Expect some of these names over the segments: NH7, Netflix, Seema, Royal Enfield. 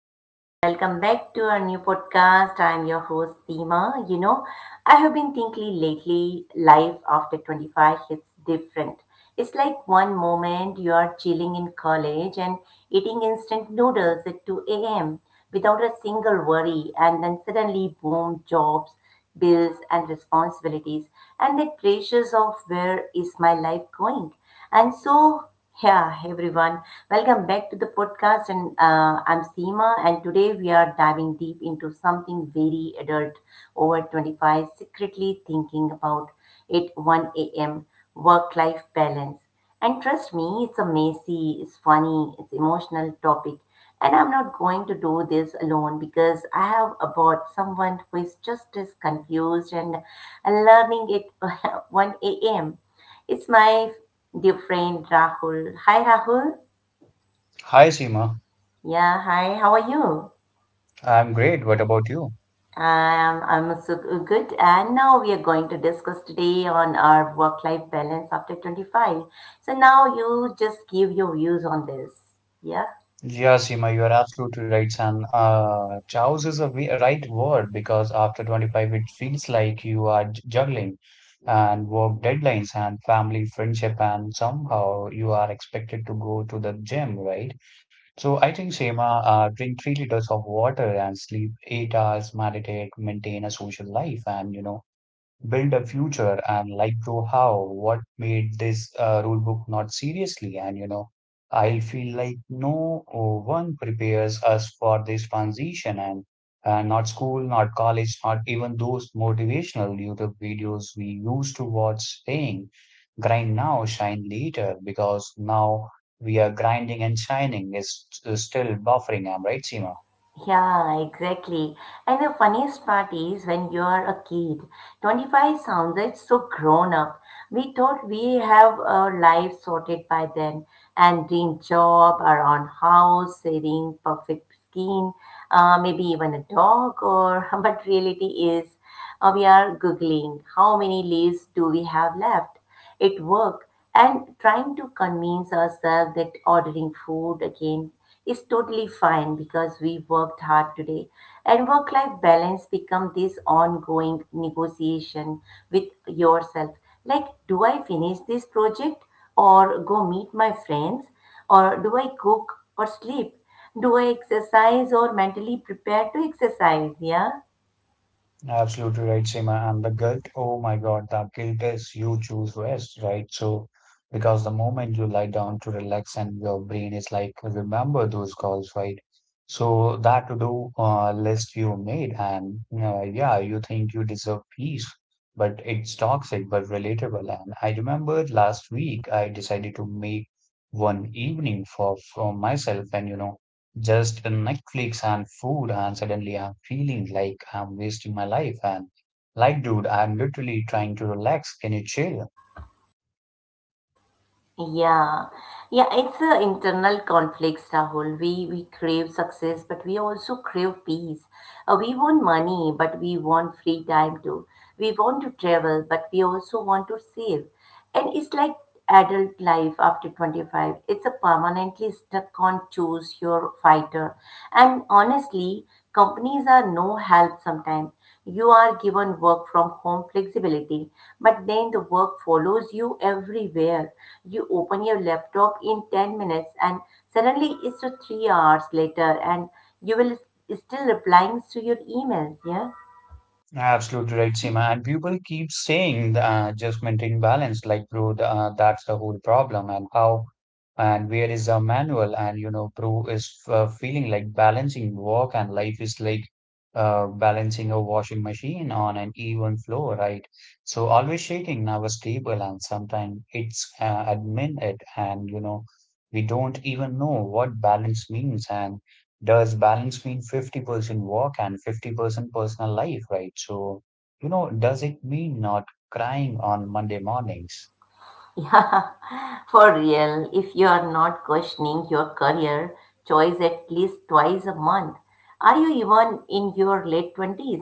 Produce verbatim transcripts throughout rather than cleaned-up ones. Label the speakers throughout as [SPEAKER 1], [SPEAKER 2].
[SPEAKER 1] everyone, welcome back to our new podcast. I'm your host Seema. You know, I have been thinking lately life after twenty-five hits different. It's like one moment you are chilling in college and eating instant noodles at two a m without a single worry, and then suddenly boom, jobs, bills and responsibilities, and that pressures of where is my life going. And so, yeah everyone, welcome back to the podcast. And uh, I'm Seema, and today we are diving deep into something very adult over twenty-five secretly thinking about it one a.m., work life balance. And trust me, it's a messy, it's funny, it's emotional topic. And I'm not going to do this alone because I have about someone who is just as confused and, learning it. one a m. It's my dear friend Rahul. Hi, Rahul.
[SPEAKER 2] Hi, Seema.
[SPEAKER 1] Yeah, hi. How are you?
[SPEAKER 2] I'm great. What about you?
[SPEAKER 1] Um, I'm so good. And now we are going to discuss today on our work-life balance after twenty-five. So now you just give your views on this. Yeah.
[SPEAKER 2] Yeah, Seema, you are absolutely right, Sam. Uh, chows is a we- a right word because after twenty-five, it feels like you are j- juggling and work deadlines and family, friendship, and somehow you are expected to go to the gym, right? So I think, Seema, uh, drink three liters of water and sleep eight hours, meditate, maintain a social life, and you know. build a future and like, bro, how what made this uh, rule book not seriously, and you know i feel like no uh, one prepares us for this transition, and uh, not school, not college, not even those motivational YouTube videos we used to watch saying grind now, shine later, because now we are grinding and shining is, is still buffering, am right, Seema?
[SPEAKER 1] Yeah, exactly. And the funniest part is when you are a kid, twenty-five sounded so grown up. We thought we have our life sorted by then and dream job, our own house, saving, perfect skin, uh, maybe even a dog or but reality is, uh, we are googling how many leaves do we have left at work, and trying to convince ourselves that ordering food again is totally fine because we worked hard today. And work life balance become this ongoing negotiation with yourself, like, do I finish this project or go meet my friends, or do I cook or sleep, do I exercise or mentally prepare to exercise? Yeah.
[SPEAKER 2] Absolutely right, Seema. And the guilt, oh my God, the guilt is you choose rest, right? So, because the moment you lie down to relax, and your brain is like, remember those calls, right? So, that to do uh, list you made, and uh, yeah, you think you deserve peace, but it's toxic but relatable. And I remember last week I decided to make one evening for, for myself, and you know, just Netflix and food, and suddenly I'm feeling like I'm wasting my life. And like, dude, I'm literally trying to relax. Can you chill?
[SPEAKER 1] Yeah, yeah, it's a internal conflicts, Rahul. We we crave success, but we also crave peace. Uh, we want money, but we want free time too. We want to travel, but we also want to save. And it's like adult life after twenty-five. It's a permanently stuck on choose your fighter. And honestly, companies are no help sometimes. You are given work from home flexibility, but then the work follows you everywhere. You open your laptop in ten minutes and suddenly it's uh, three hours later, and you will still replying to your emails, yeah?
[SPEAKER 2] Absolutely right, Seema. And people keep saying, uh, just maintain balance, like, bro, th- uh, that's the whole problem. And how and where is the manual? And, you know, bro is uh, feeling like balancing work and life is like uh, balancing a washing machine on an even floor, right? So always shaking our stable, and sometimes it's uh, admin it, and, you know, we don't even know what balance means. And does balance mean fifty percent work and fifty percent personal life, right? So, you know, does it mean not crying on Monday mornings?
[SPEAKER 1] Yeah, for real. If you are not questioning your career choice at least twice a month, are you even in your late twenties?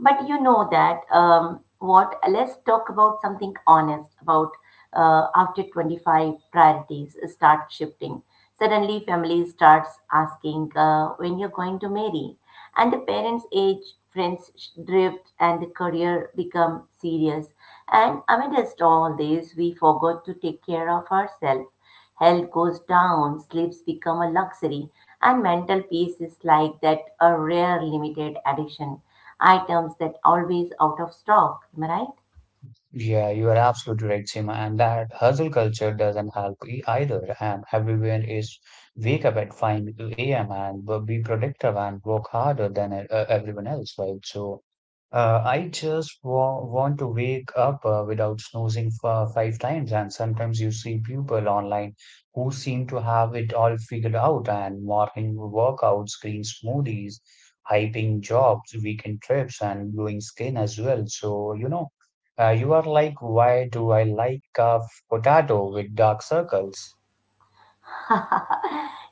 [SPEAKER 1] But you know that um, what? Let's talk about something honest about uh, after twenty-five priorities start shifting. Suddenly, family starts asking uh, when you're going to marry, and the parents age, friends sh- drift, and the career become serious, and amidst all this we forgot to take care of ourselves. Health goes down, sleeps become a luxury, and mental peace is like that, a rare limited edition items that always out of stock, am I right?
[SPEAKER 2] Yeah, you are absolutely right, Seema. And that hustle culture doesn't help e- either. And everyone is wake up at five a m and b- be productive and work harder than uh, everyone else, right? So, Uh, I just wa want to wake up uh, without snoozing for five times, and sometimes you see people online who seem to have it all figured out, and morning workouts, green smoothies, hyping jobs, weekend trips, and glowing skin as well. So, you know, uh, you are like, why do I like a potato with dark circles?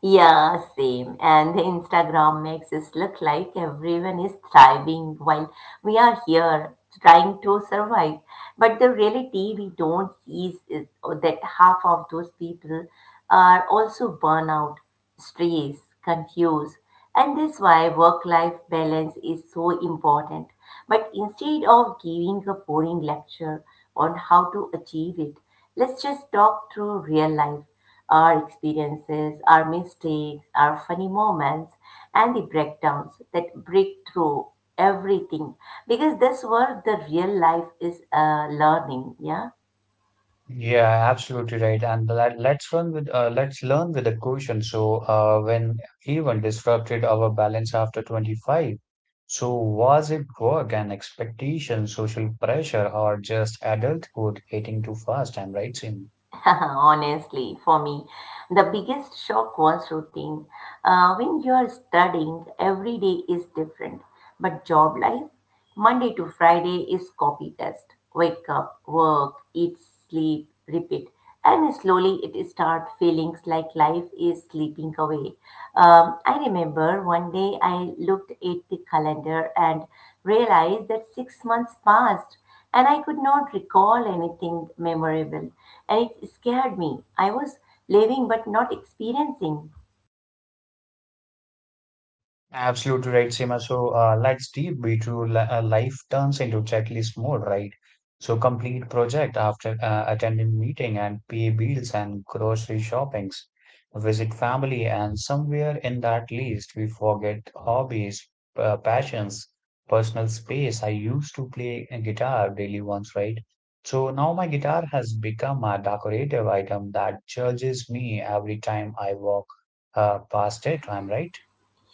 [SPEAKER 1] Yeah, same. And the Instagram makes us look like everyone is thriving while we are here trying to survive. But the reality we don't see is that half of those people are also burnout, stressed, confused. And that's why work-life balance is so important. But instead of giving a boring lecture on how to achieve it, let's just talk through real life, our experiences, our mistakes, our funny moments, and the breakdowns that break through everything, because that's what the real life is, uh, learning. Yeah.
[SPEAKER 2] Yeah, absolutely right. And let, let's run with uh, let's learn with a caution. So, uh, when even disrupted our balance after twenty-five. So, was it work and expectation, social pressure, or just adulthood hitting too fast? I'm right, Sim.
[SPEAKER 1] Honestly, for me, the biggest shock was routine. Uh, when you're studying, every day is different. But job life, Monday to Friday is copy paste. Wake up, work, eat, sleep, repeat. And slowly it start feeling like life is slipping away. Um, I remember one day I looked at the calendar and realized that six months passed, and I could not recall anything memorable, and it scared me. I was living but not experiencing.
[SPEAKER 2] Absolutely right, Seema. So uh, let's deep be li- uh, life turns into checklist mode, right? So complete project after uh, attending meeting and pay bills and grocery shoppings, visit family, and somewhere in that list we forget hobbies, uh, passions, personal space. I used to play a guitar daily once, right? So now my guitar has become a decorative item that judges me every time I walk uh, past it. I'm right.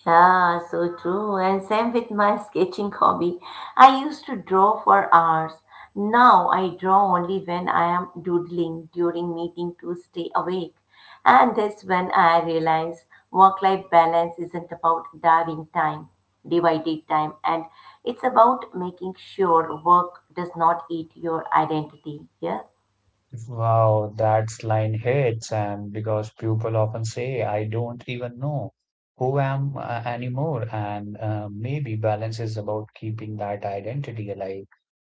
[SPEAKER 1] Yeah, so true. And same with my sketching hobby. I used to draw for hours. Now I draw only when I am doodling during meeting to stay awake. And that's when I realize work-life balance isn't about diving time, divided time, and it's about making sure work does not eat your identity. Yeah.
[SPEAKER 2] Wow, that's line hits, and because people often say, I don't even know who I am uh, anymore, and uh, maybe balance is about keeping that identity alive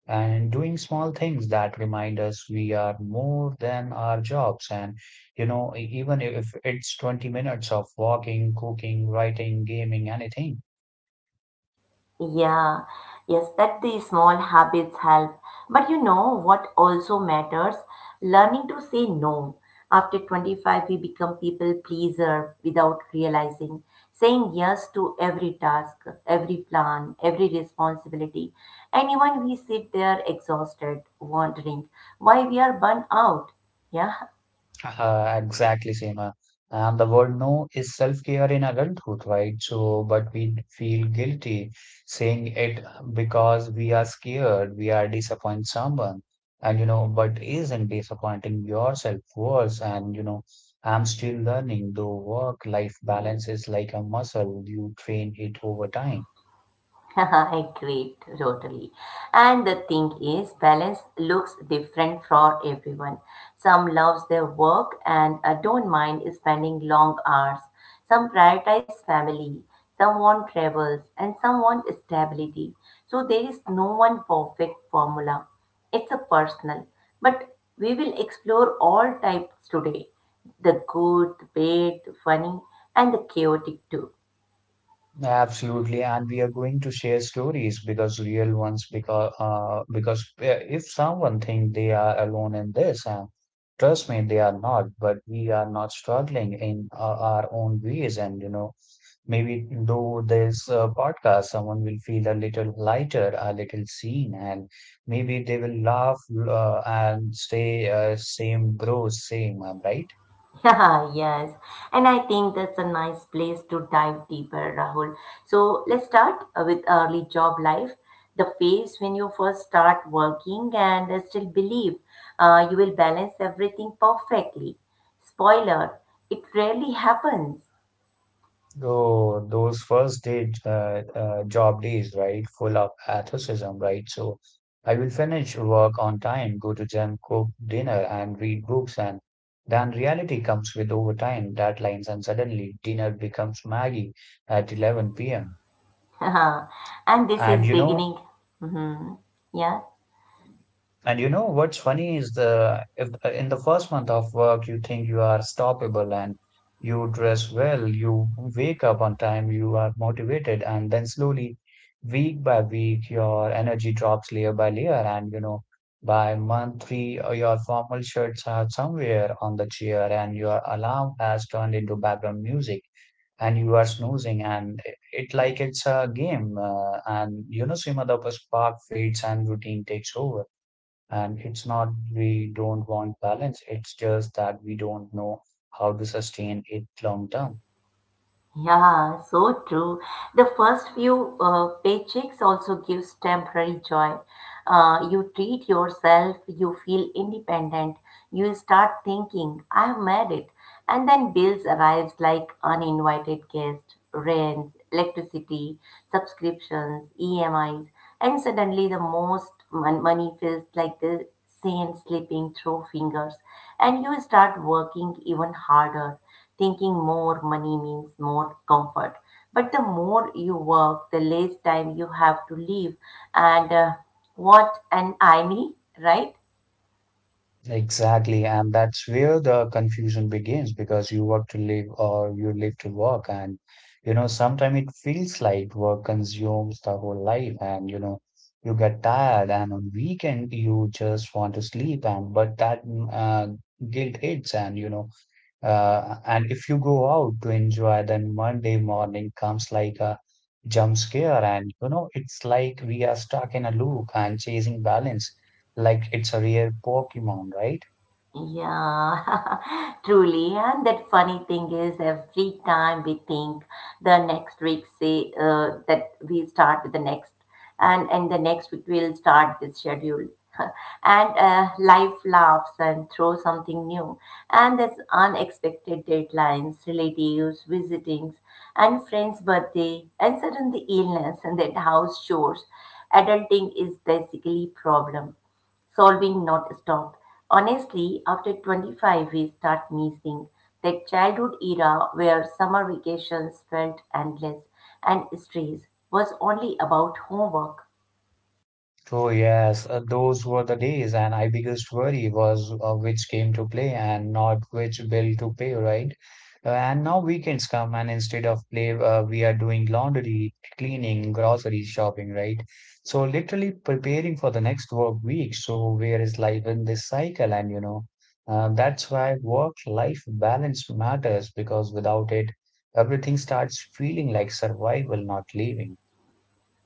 [SPEAKER 2] and doing small things that remind us we are more than our jobs. And you know, e- even if it's twenty minutes of walking, cooking, writing, gaming, anything.
[SPEAKER 1] Yeah, yes, that the small habits help. But you know what also matters? Learning to say no. After twenty-five, we become people pleaser without realizing. Saying yes to every task, every plan, every responsibility. And even we sit there exhausted, wondering why we are burnt out. Yeah.
[SPEAKER 2] Uh, exactly, Seema. And the word no is self-care in adulthood, right? So, but we feel guilty saying it because we are scared, we are disappointing someone. And, you know, but isn't disappointing yourself worse? And, you know, I'm still learning, though work-life balance is like a muscle, you train it over time.
[SPEAKER 1] Great, totally. And the thing is, balance looks different for everyone. Some loves their work and uh, don't mind spending long hours. Some prioritize family, some want travels, and some want stability. So there is no one perfect formula. It's a personal, but we will explore all types today. The good, the bad, the funny, and the chaotic too.
[SPEAKER 2] Absolutely, and we are going to share stories because real ones, because uh, because uh, if someone think they are alone in this, and trust me, they are not. But we are not struggling in uh, our own ways, and you know, maybe though this uh, podcast, someone will feel a little lighter, a little seen, and maybe they will laugh uh, and say, uh, same bro, same, I'm right.
[SPEAKER 1] Yeah, yes. And I think that's a nice place to dive deeper, Rahul. So let's start uh, with early job life, the phase when you first start working and uh, still believe uh, you will balance everything perfectly. Spoiler, it rarely happens.
[SPEAKER 2] Oh, those first day uh, uh, job days, right? Full of athleticism, right? So I will finish work on time, go to gym, cook dinner, and read books. And then reality comes with overtime deadlines, and suddenly dinner becomes Maggie at eleven p m.
[SPEAKER 1] And this is
[SPEAKER 2] And you know,
[SPEAKER 1] beginning. Hmm. Yeah.
[SPEAKER 2] and you know what's funny is the if uh, in the first month of work you think you are stoppable, and you dress well, you wake up on time, you are motivated, and then slowly, week by week, your energy drops layer by layer, and you know, by month three, uh, your formal shirts are somewhere on the chair, and your alarm has turned into background music, and you are snoozing, and it, it like it's a game, uh, and you know, some other spark fades and routine takes over. And it's not we don't want balance, it's just that we don't know how to sustain it long term.
[SPEAKER 1] Yeah, so true. The first few uh, paychecks also gives temporary joy. Uh, you treat yourself, you feel independent, you start thinking, I've made it. And then bills arrives like uninvited guests, rents, electricity, subscriptions, E M Is, and suddenly the most mon- money feels like this sand slipping through fingers, and you start working even harder, thinking more money means more comfort. But the more you work, the less time you have to leave. And uh, what an irony, right?
[SPEAKER 2] Exactly, and that's where the confusion begins, because you work to live or you live to work, and you know, sometimes it feels like work consumes the whole life, and you know, you get tired, and on weekend you just want to sleep, and but that mm, uh, guilt hits, and you know, Uh, and if you go out to enjoy, then Monday morning comes like a jump scare, and you know, it's like we are stuck in a loop and chasing balance, like it's a rare Pokemon, right?
[SPEAKER 1] Yeah, truly. And that funny thing is, every time we think the next week, say uh, that we start with the next, and and the next week we'll start this schedule, and uh, life laughs and throws something new, and there's unexpected deadlines, relatives, visitings, and friends' birthday, and suddenly illness and that house chores. Adulting is basically problem solving not stopped. Honestly, after twenty-five, we start missing that childhood era where summer vacations felt endless and stress was only about homework.
[SPEAKER 2] Oh yes, uh, those were the days, and my biggest worry was uh, which game to play and not which bill to pay, right? Uh, and now weekends come, and instead of play, uh, we are doing laundry, cleaning, grocery shopping, right? So literally preparing for the next work week. So where is life in this cycle? And you know, uh, that's why work-life balance matters, because without it, everything starts feeling like survival, not living.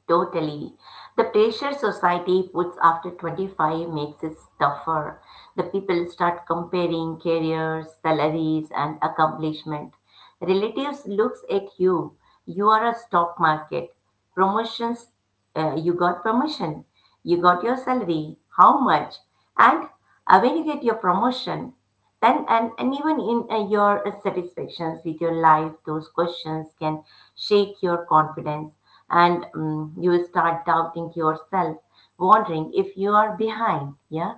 [SPEAKER 1] Totally. The pressure society puts after twenty-five makes it tougher. The people start comparing careers, salaries, and accomplishment. Relatives looks at you. You are a stock market. Promotions, uh, you got promotion. You got your salary. How much? And uh, when you get your promotion? Then and, and even in uh, your uh, satisfactions with your life, those questions can shake your confidence, and um, you will start doubting yourself, wondering if you are behind. Yeah.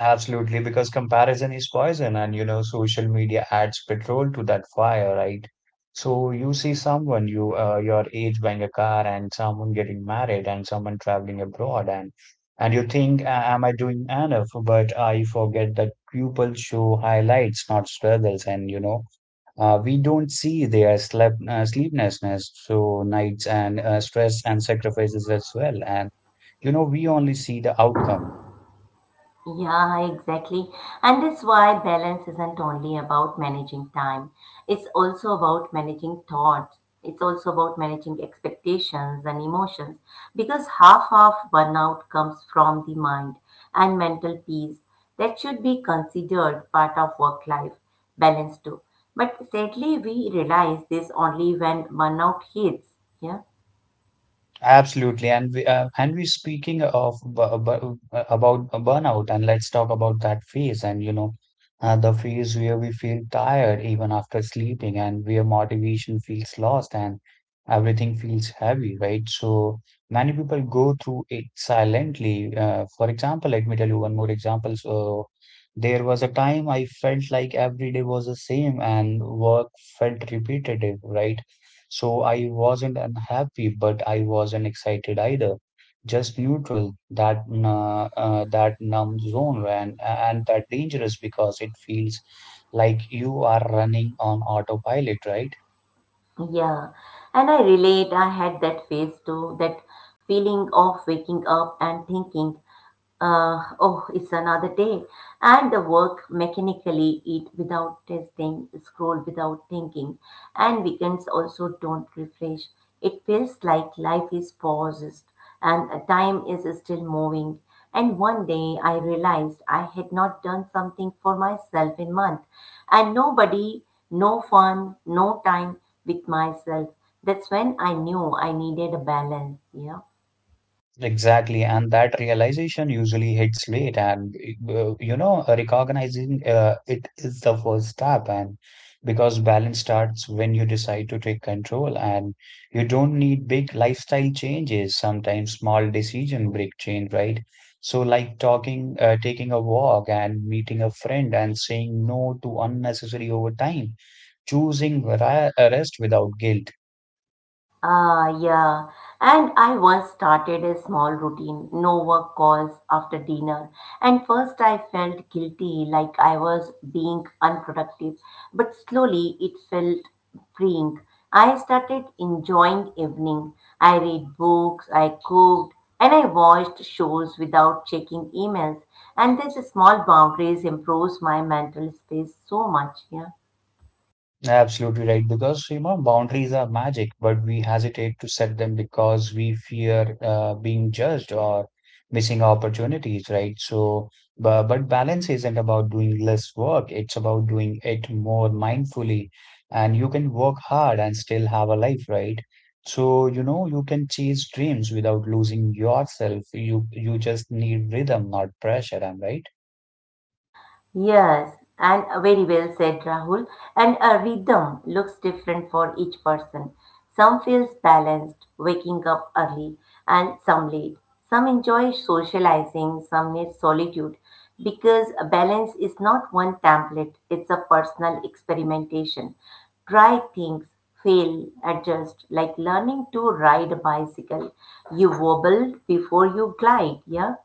[SPEAKER 2] Absolutely, because comparison is poison, and you know, social media adds petrol to that fire, right? So you see someone you uh, your age buying a car, and someone getting married, and someone traveling abroad, and and you think, "A- am I doing enough? But I forget that people show highlights, not struggles, and you know, uh, we don't see their sleep uh, sleeplessness, so nights and uh, stress and sacrifices as well, and you know, we only see the outcome.
[SPEAKER 1] Yeah, exactly. And that's why balance isn't only about managing time. It's also about managing thoughts. It's also about managing expectations and emotions, because half of burnout comes from the mind, and mental peace that should be considered part of work life balance too. But sadly, we realize this only when burnout hits. Yeah.
[SPEAKER 2] Absolutely, and we uh, and we speaking of bu- bu- about burnout, and let's talk about that phase. And you know, uh, the phase where we feel tired even after sleeping, and where motivation feels lost, and everything feels heavy, right? So many people go through it silently. Uh, for example, let me tell you one more example. So there was a time I felt like every day was the same, and work felt repetitive, right? So I wasn't unhappy, but I wasn't excited either. Just neutral, that uh, uh, that numb zone, and and that dangerous, because it feels like you are running on autopilot, right?
[SPEAKER 1] Yeah, and I relate. I had that phase too, that feeling of waking up and thinking, uh, oh, it's another day. And the work mechanically, eat without tasting, scroll without thinking, and weekends also don't refresh. It feels like life is paused, and uh, time is still moving. And one day I realized I had not done something for myself in month, and nobody, no fun, no time with myself. That's when I knew I needed a balance. Yeah.
[SPEAKER 2] Exactly, and that realization usually hits late, and uh, you know, recognizing uh, it is the first step. And because balance starts when you decide to take control, and you don't need big lifestyle changes. Sometimes small decision break change, right? So, like talking, uh, taking a walk, and meeting a friend, and saying no to unnecessary overtime, choosing vari- uh, rest without guilt.
[SPEAKER 1] Ah, yeah. And I once started a small routine, no work calls after dinner. And first I felt guilty, like I was being unproductive. But slowly it felt freeing. I started enjoying evening. I read books, I cooked, and I watched shows without checking emails. And these small boundaries improves my mental space so much, yeah.
[SPEAKER 2] Absolutely right, because you know boundaries are magic, but we hesitate to set them because we fear uh, being judged or missing opportunities, right? So, but, but balance isn't about doing less work; it's about doing it more mindfully, and you can work hard and still have a life, right? So, you know, you can chase dreams without losing yourself. You you just need rhythm, not pressure. I'm right.
[SPEAKER 1] Yes, and uh, very well said, Rahul. And a rhythm looks different for each person. Some feels balanced, waking up early, and some late. Some enjoy socializing, some need solitude. Because a balance is not one template, it's a personal experimentation. Try things, fail, adjust, like learning to ride a bicycle. You wobbled before you glide, yeah?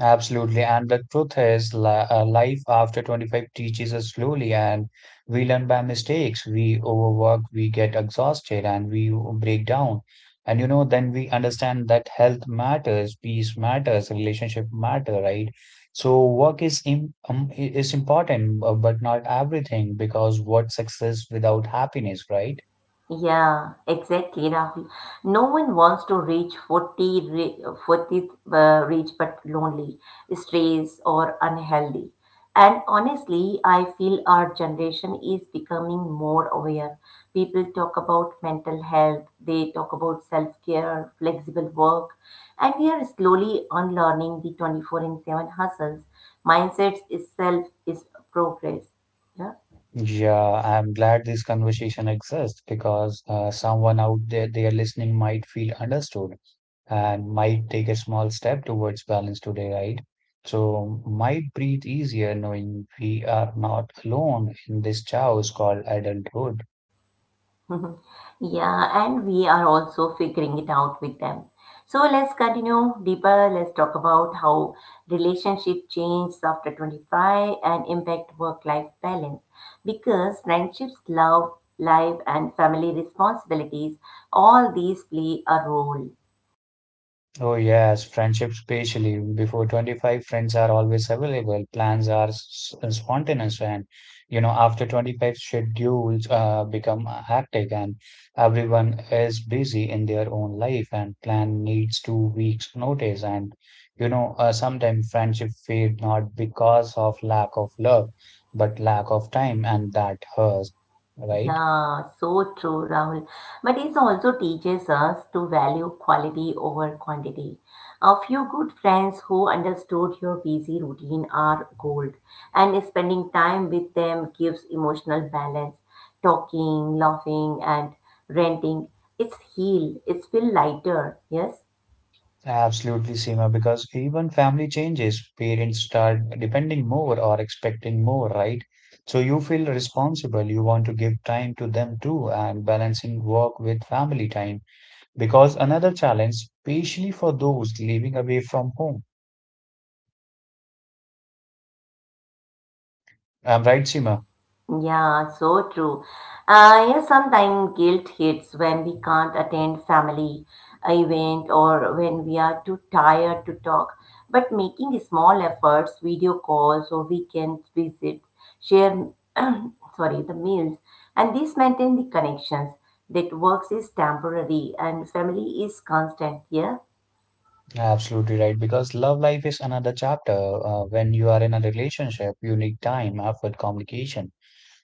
[SPEAKER 2] Absolutely. And the truth is, li- uh, life after twenty-five teaches us slowly, and we learn by mistakes. We overwork, we get exhausted, and we break down. And you know, then we understand that health matters, peace matters, relationship matter, right? So work is im um, is important, bu- but not everything, because what success without happiness, right?
[SPEAKER 1] Yeah, exactly, Rahul. No one wants to reach forty, re- fortieth uh, reach but lonely, stressed, or unhealthy. And honestly, I feel our generation is becoming more aware. People talk about mental health, they talk about self care, flexible work, and we are slowly unlearning the twenty-four in seven hustles. Mindsets itself is progress. Yeah.
[SPEAKER 2] Yeah, I'm glad this conversation exists because uh, someone out there, there listening might feel understood and might take a small step towards balance today, right? So might breathe easier knowing we are not alone in this chaos called adulthood.
[SPEAKER 1] Mhm. Yeah, and we are also figuring it out with them. So let's continue deeper. Let's talk about how relationship changes after twenty-five and impact work-life balance. Because friendships, love, life, and family responsibilities, all these play a role.
[SPEAKER 2] Oh yes, friendship, especially before twenty-five, friends are always available. Plans are s- s- spontaneous, and you know, after twenty-five, schedules uh, become uh, hectic, and everyone is busy in their own life, and plan needs two weeks notice. And you know uh, sometimes friendship fade, not because of lack of love but lack of time, and that hurts, right?
[SPEAKER 1] Yeah, so true, Rahul. But it also teaches us to value quality over quantity. A few good friends who understood your busy routine are gold, and spending time with them gives emotional balance. Talking, laughing, and ranting. It's heal. It's feel lighter. Yes.
[SPEAKER 2] Absolutely, Seema, because even family changes, parents start depending more or expecting more, right? So you feel responsible. You want to give time to them too, and balancing work with family time because another challenge, especially for those living away from home. I'm right, Seema.
[SPEAKER 1] Yeah, so true. Uh, yeah, sometimes guilt hits when we can't attend family event or when we are too tired to talk. But making small efforts, video calls or weekend visits, share sorry, the meals, and this maintain the connections that works is temporary and family is constant. Yeah.
[SPEAKER 2] Absolutely right. Because love life is another chapter. Uh, when you are in a relationship, you need time, effort, communication,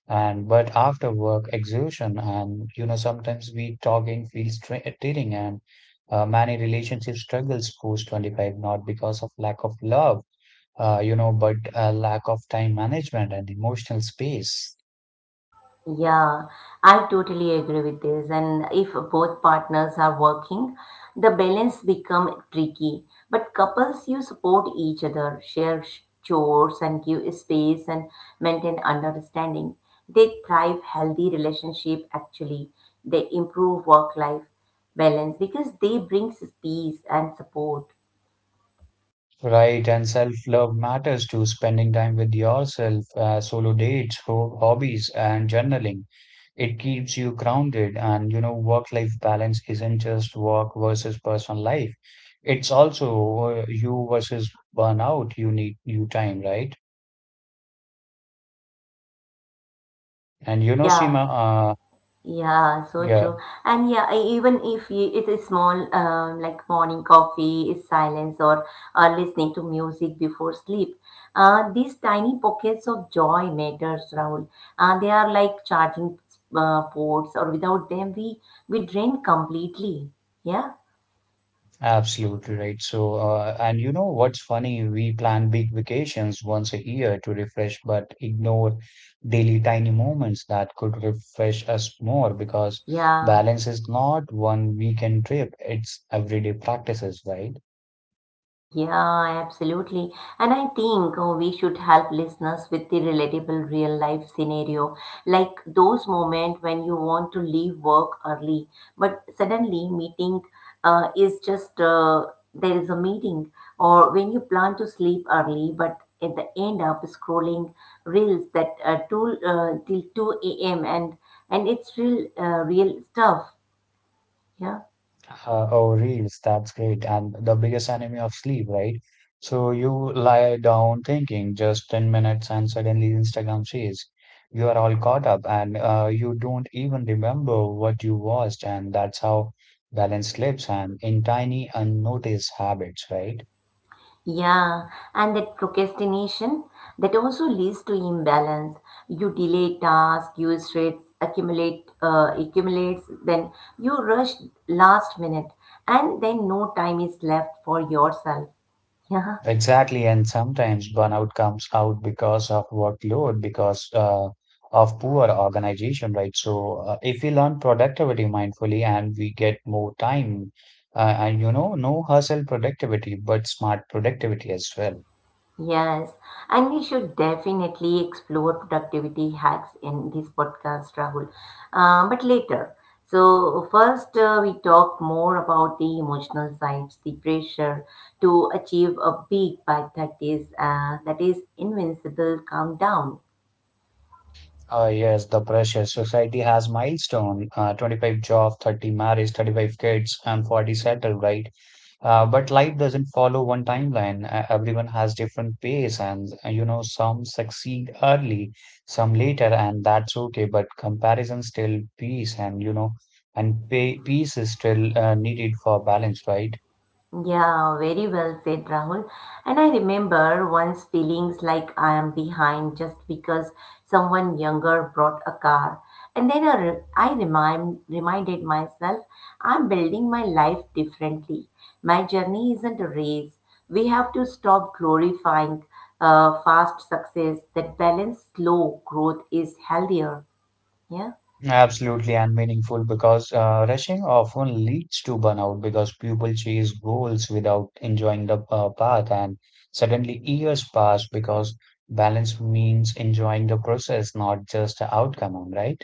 [SPEAKER 2] and but after work exhaustion, and you know sometimes we talking feels tra- draining. And uh, many relationship struggles post twenty-five, not because of lack of love, uh, you know but uh, lack of time management and emotional space.
[SPEAKER 1] Yeah, I totally agree with this. And if both partners are working, the balance become tricky. But couples, you support each other, share sh- chores, and give space and maintain understanding. They thrive healthy relationship. Actually, they improve work life balance because they brings peace and support.
[SPEAKER 2] Right, and self-love matters to spending time with yourself, uh, solo dates, ho- hobbies, and journaling. It keeps you grounded, and you know, work-life balance isn't just work versus personal life. It's also uh, you versus burnout. You need you time, right? And you know,
[SPEAKER 1] Yeah.
[SPEAKER 2] Seema, uh,
[SPEAKER 1] Yeah, so
[SPEAKER 2] yeah,
[SPEAKER 1] true. And yeah, e- even if you, it is small, um, like morning coffee, is silence, or uh, listening to music before sleep, uh, these tiny pockets of joy matters, Rahul. Uh, they are like charging uh, ports, or without them, we we drain completely. Yeah,
[SPEAKER 2] absolutely right. So, uh, and you know what's funny? We plan big vacations once a year to refresh, but ignore daily tiny moments that could refresh us more, because
[SPEAKER 1] yeah.
[SPEAKER 2] balance is not one weekend trip, it's everyday practices, right?
[SPEAKER 1] Yeah, absolutely. And I think uh, we should help listeners with the relatable real life scenario, like those moments when you want to leave work early, but suddenly meeting uh, is just uh, there is a meeting, or when you plan to sleep early, but at the end up scrolling reels that uh, till uh, till two a m and and it's real uh, real stuff. Yeah.
[SPEAKER 2] Uh, oh, reels, that's great. And the biggest enemy of sleep, right? So you lie down thinking just ten minutes, and suddenly Instagram says you are all caught up, and uh, you don't even remember what you watched. And that's how balance slips, and in tiny unnoticed habits, right?
[SPEAKER 1] Yeah, and that procrastination that also leads to imbalance. You delay tasks, you stress accumulate uh, accumulates, then you rush last minute, and then no time is left for yourself.
[SPEAKER 2] Exactly, and sometimes burnout comes out because of workload, because uh, of poor organization, right? So, uh, if we learn productivity mindfully, and we get more time, uh, and you know, no hustle productivity, but smart productivity as well.
[SPEAKER 1] Yes, and we should definitely explore productivity hacks in this podcast, Rahul. Uh, but later. So, first, uh, we talked more about the emotional sides, the pressure to achieve a peak by thirties, uh, that is, invincible countdown.
[SPEAKER 2] Uh, yes, the pressure. Society has milestone, uh, twenty-five job, thirty marriage, thirty-five kids, and forty settled, right? Uh, but life doesn't follow one timeline. Uh, everyone has different pace, and uh, you know, some succeed early, some later, and that's okay. But comparison still peace, and you know, and pay, peace is still uh, needed for balance, right?
[SPEAKER 1] Yeah, very well said, Rahul. And I remember once feelings like I am behind just because someone younger brought a car. And then I, re- I remind, reminded myself I'm building my life differently. My journey isn't a race. We have to stop glorifying uh, fast success. That balanced slow growth is healthier. Yeah.
[SPEAKER 2] Absolutely and meaningful, because uh, rushing often leads to burnout, because people chase goals without enjoying the uh, path, and suddenly years pass, because balance means enjoying the process, not just the outcome, right?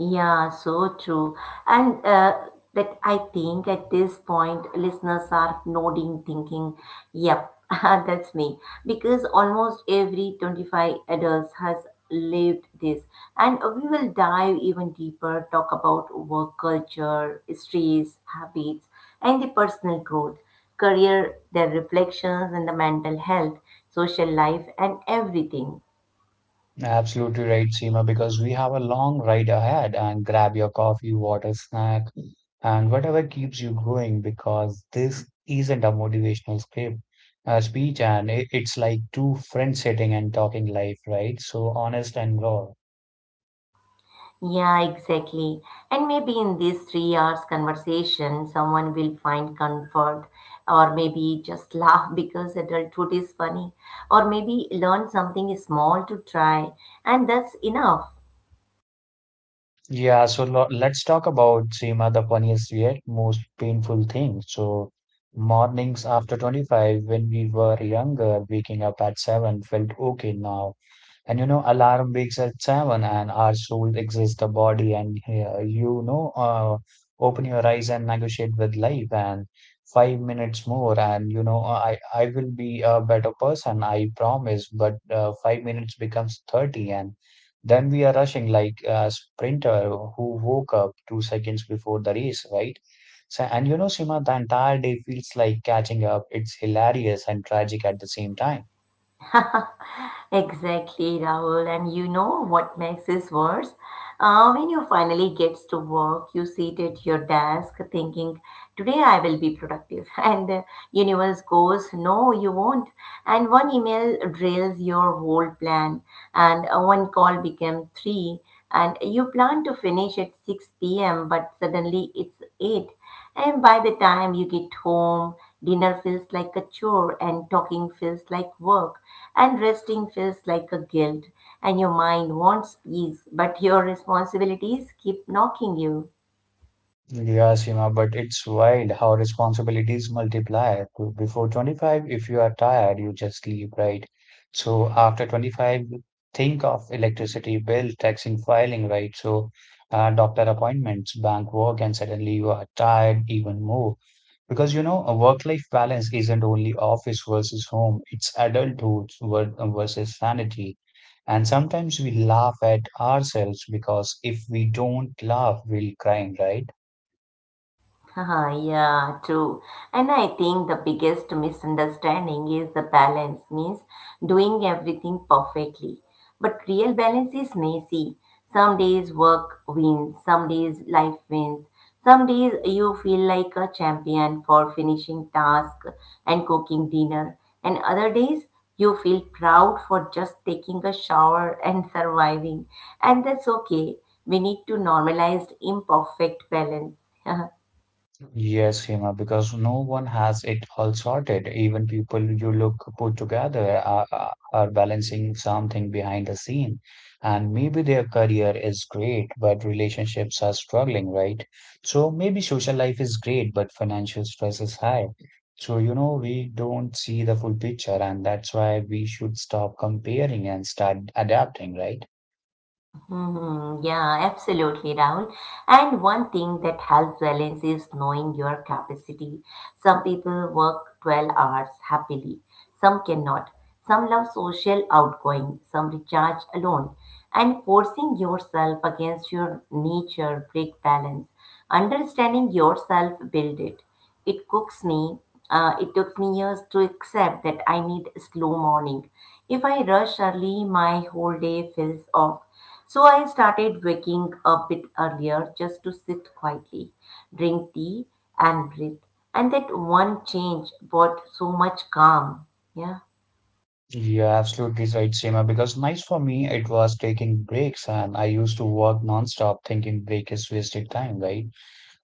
[SPEAKER 1] Yeah, so true. And uh, that I think at this point, listeners are nodding, thinking, yep, that's me. Because almost every twenty-five adults has lived this. And we will dive even deeper, talk about work culture, stress, habits, and the personal growth, career, their reflections, and the mental health, social life, and everything.
[SPEAKER 2] Absolutely right, Seema, because we have a long ride ahead, and grab your coffee, water, snack, and whatever keeps you going, because this isn't a motivational script, a speech, and i- it's like two friends sitting and talking life, right? So honest and raw.
[SPEAKER 1] Yeah, exactly. And maybe in these three hours conversation, someone will find comfort or maybe just laugh because adulthood is funny or maybe learn something small to try and that's enough.
[SPEAKER 2] Yeah, so lo let's talk about, Seema, the funniest yet most painful thing. So mornings after twenty-five, when we were younger, waking up at seven felt okay. Now, and you know, alarm wakes at seven, and our soul exits the body, and uh, you know, uh, open your eyes and negotiate with life, and five minutes more, and you know, uh, I I will be a better person, I promise. But uh, five minutes becomes thirty, and then we are rushing like a sprinter who woke up two seconds before the race, right? So, and you know, Sima, the entire day feels like catching up. It's hilarious and tragic at the same time.
[SPEAKER 1] Exactly, Rahul. And you know what makes this worse? Uh, when you finally gets to work, you sit at your desk thinking, "Today I will be productive," and the universe goes, "No, you won't." And one email drills your whole plan, and uh, one call becomes three, and you plan to finish at six p m, but suddenly it's eight, and by the time you get home. Dinner feels like a chore, and talking feels like work, and resting feels like a guilt. And your mind wants peace, but your responsibilities keep knocking you.
[SPEAKER 2] Yeah, Seema, but it's wild how responsibilities multiply. To- Before twenty-five, if you are tired, you just leave, right? So after twenty-five, think of electricity bill, taxing filing, right? So uh, doctor appointments, bank work, and suddenly you are tired even more. Because, you know, a work-life balance isn't only office versus home, it's adulthood ver- versus sanity. And sometimes we laugh at ourselves, because if we don't laugh, we'll cry, right?
[SPEAKER 1] Uh, yeah, true. And I think the biggest misunderstanding is the balance means doing everything perfectly. But real balance is messy. Some days work wins, some days life wins. Some days you feel like a champion for finishing task and cooking dinner. And other days you feel proud for just taking a shower and surviving. And that's okay. We need to normalize imperfect balance.
[SPEAKER 2] Yes, Hima, because no one has it all sorted. Even people you look put together are, are are balancing something behind the scene. And maybe their career is great, but relationships are struggling, right? So maybe social life is great, but financial stress is high. So, you know, we don't see the full picture, and that's why we should stop comparing and start adapting, right?
[SPEAKER 1] Mhm. Yeah, absolutely, Rahul. And one thing that helps balance is knowing your capacity. Some people work twelve hours happily, some cannot. Some love social outgoing, some recharge alone. And forcing yourself against your nature break balance. Understanding yourself build it. It cooks me. Uh, it took me years to accept that I need slow morning. If I rush early, my whole day feels off. So I started waking a bit earlier just to sit quietly, drink tea, and breathe. And that one change brought so much calm. Yeah.
[SPEAKER 2] Yeah, absolutely right, Seema. Because nice for me, it was taking breaks, and I used to work nonstop, thinking break is wasted time, right?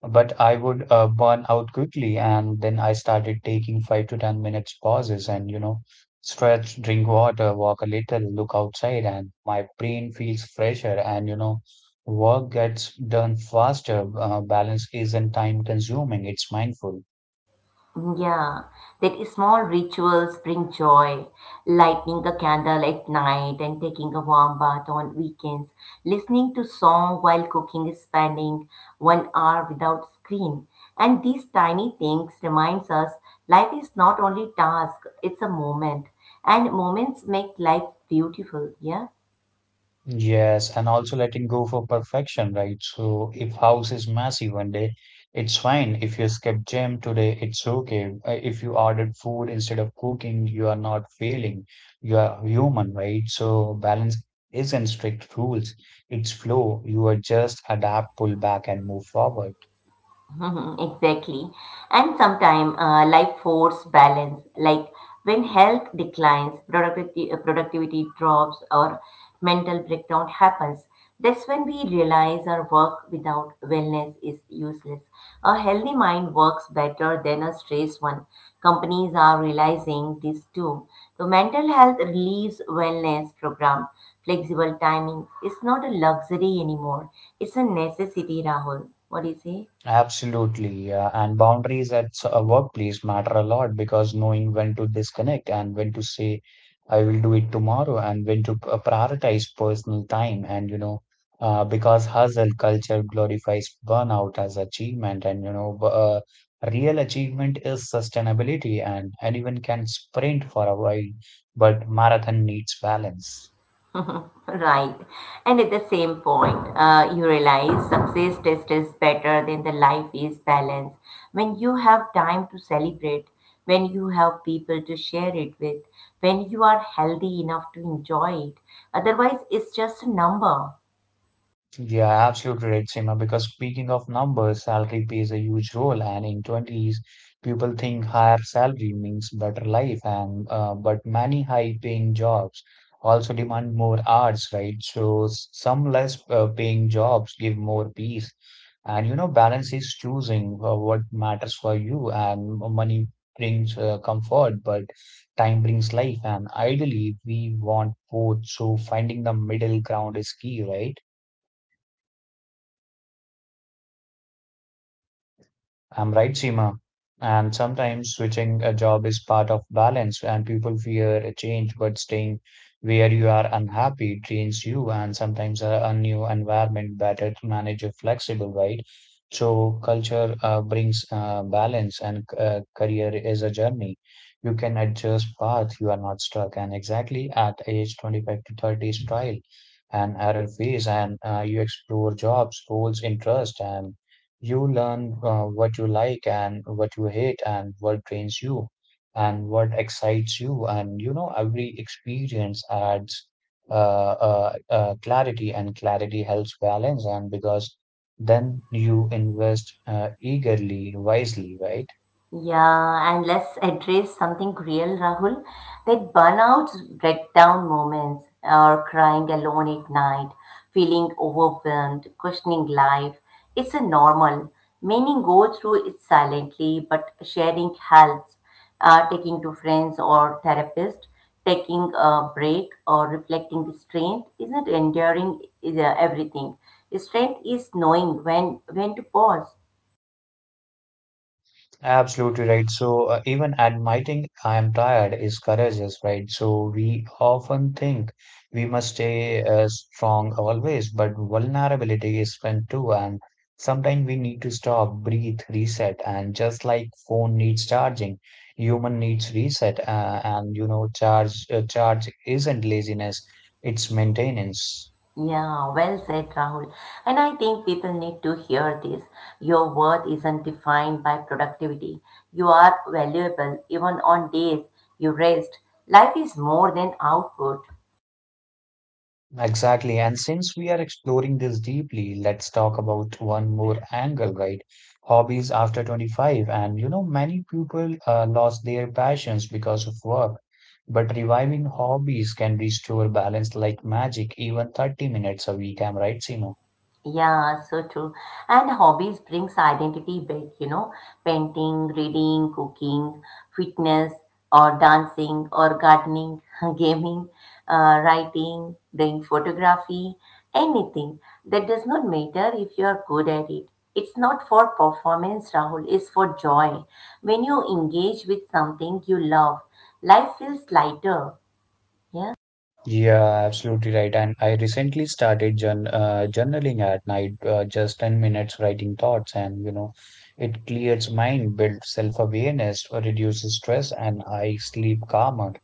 [SPEAKER 2] But I would uh, burn out quickly, and then I started taking five to ten minutes pauses, and you know, stretch, drink water, walk a little, look outside, and my brain feels fresher, and you know, work gets done faster. Uh, balance isn't time-consuming; it's mindful.
[SPEAKER 1] Yeah, that small rituals bring joy, lighting a candle at night and taking a warm bath on weekends, listening to song while cooking, spending one hour without screen. And these tiny things reminds us life is not only task, it's a moment. And moments make life beautiful, yeah?
[SPEAKER 2] Yes, and also letting go for perfection, right? So if house is messy one day, it's fine. If you skip gym today, it's okay. Uh, If you ordered food instead of cooking, you are not failing. You are human, right? So balance isn't strict rules. It's flow. You are just adapt, pull back, and move forward.
[SPEAKER 1] Mhm. Exactly. And sometimes uh, life force balance, like when health declines, productivity, uh, productivity drops, or mental breakdown happens. That's when we realize our work without wellness is useless. A healthy mind works better than a stressed one. Companies are realizing this too. So, mental health relieves wellness program. Flexible timing is not a luxury anymore. It's a necessity, Rahul. What do you say?
[SPEAKER 2] Absolutely. Uh, and boundaries at s- a workplace matter a lot, because knowing when to disconnect, and when to say, I will do it tomorrow, and when to p- uh, prioritize personal time. And, you know, uh, because hustle culture glorifies burnout as achievement, and, you know, b- uh, real achievement is sustainability, and anyone can sprint for a while, but marathon needs balance.
[SPEAKER 1] Right. And at the same point, uh, you realize success test is better than the life is balance. When you have time to celebrate, when you have people to share it with, when you are healthy enough to enjoy it. Otherwise, it's just a number.
[SPEAKER 2] Yeah, absolutely right, Seema. Because speaking of numbers, salary plays a huge role, and in twenties, people think higher salary means better life, and uh, but many high-paying jobs also demand more hours, right? So s- some less uh, paying jobs give more peace, and you know, balance is choosing uh, what matters for you, and money brings uh, comfort, but time brings life, and ideally, we want both. So finding the middle ground is key, right? I'm right, Seema. And sometimes switching a job is part of balance, and people fear a change, but staying where you are unhappy drains you, and sometimes a, a new environment better to manage a flexible, right? So culture uh, brings uh, balance, and uh, career is a journey. You can adjust path, you are not stuck, and exactly at age twenty-five to thirty is trial and error phase, and uh, you explore jobs, roles, interest, and you learn uh, what you like and what you hate, and what drains you, and what excites you. And you know, every experience adds uh, uh, uh, clarity, and clarity helps balance. And because then you invest uh, eagerly, wisely, right?
[SPEAKER 1] Yeah, and let's address something real, Rahul. That burnout, breakdown moments, or crying alone at night, feeling overwhelmed, questioning life. It's a normal. Many go through it silently, but sharing helps. Uh, taking to friends or therapist, taking a break or reflecting the strength isn't enduring is, uh, everything. Strength is knowing when when to pause.
[SPEAKER 2] Absolutely right. So, uh, even admitting I am tired is courageous, right? So, we often think we must stay uh, strong always, but vulnerability is fun too. And sometimes we need to stop, breathe, reset. And just like phone needs charging, human needs reset. Uh, and you know, charge uh, charge isn't laziness, it's maintenance.
[SPEAKER 1] Yeah, well said, Rahul. And I think people need to hear this. Your worth isn't defined by productivity. You are valuable even on days you rest. Life is more than output.
[SPEAKER 2] Exactly. And since we are exploring this deeply, let's talk about one more angle, right? Hobbies after twenty-five. And you know, many people uh, lost their passions because of work, but reviving hobbies can restore balance like magic, even thirty minutes a week. I'm right, Seema?
[SPEAKER 1] Yeah, so true. And hobbies brings identity back, you know, painting, reading, cooking, fitness, or dancing, or gardening, gaming, uh, writing, doing photography, anything. That does not matter if you are good at it. It's not for performance, Rahul, it's for joy. When you engage with something you love, life feels lighter. Yeah?
[SPEAKER 2] Yeah, absolutely right. And I recently started journ uh, journaling at night, uh, just ten minutes writing thoughts, and you know, it clears mind, builds self-awareness, uh, reduces stress, and I sleep calmer.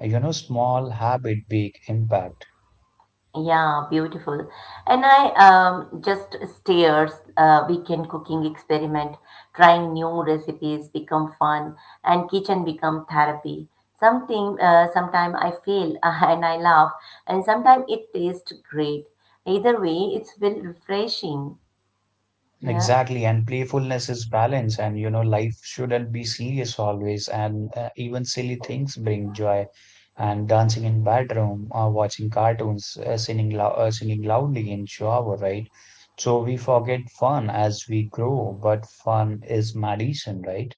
[SPEAKER 2] You know, small habit, big impact.
[SPEAKER 1] Yeah, beautiful. And I um, just steers uh, weekend cooking experiment, trying new recipes become fun, and kitchen become therapy. Something uh, Sometime I fail and I laugh, and sometimes it tastes great. Either way, it's feel refreshing. Yeah.
[SPEAKER 2] Exactly, and playfulness is balance, and you know, life shouldn't be serious always. And uh, even silly things bring joy. And dancing in bedroom, or watching cartoons, uh, singing lou- uh, singing loudly in shower, right? So we forget fun as we grow, but fun is medicine, right?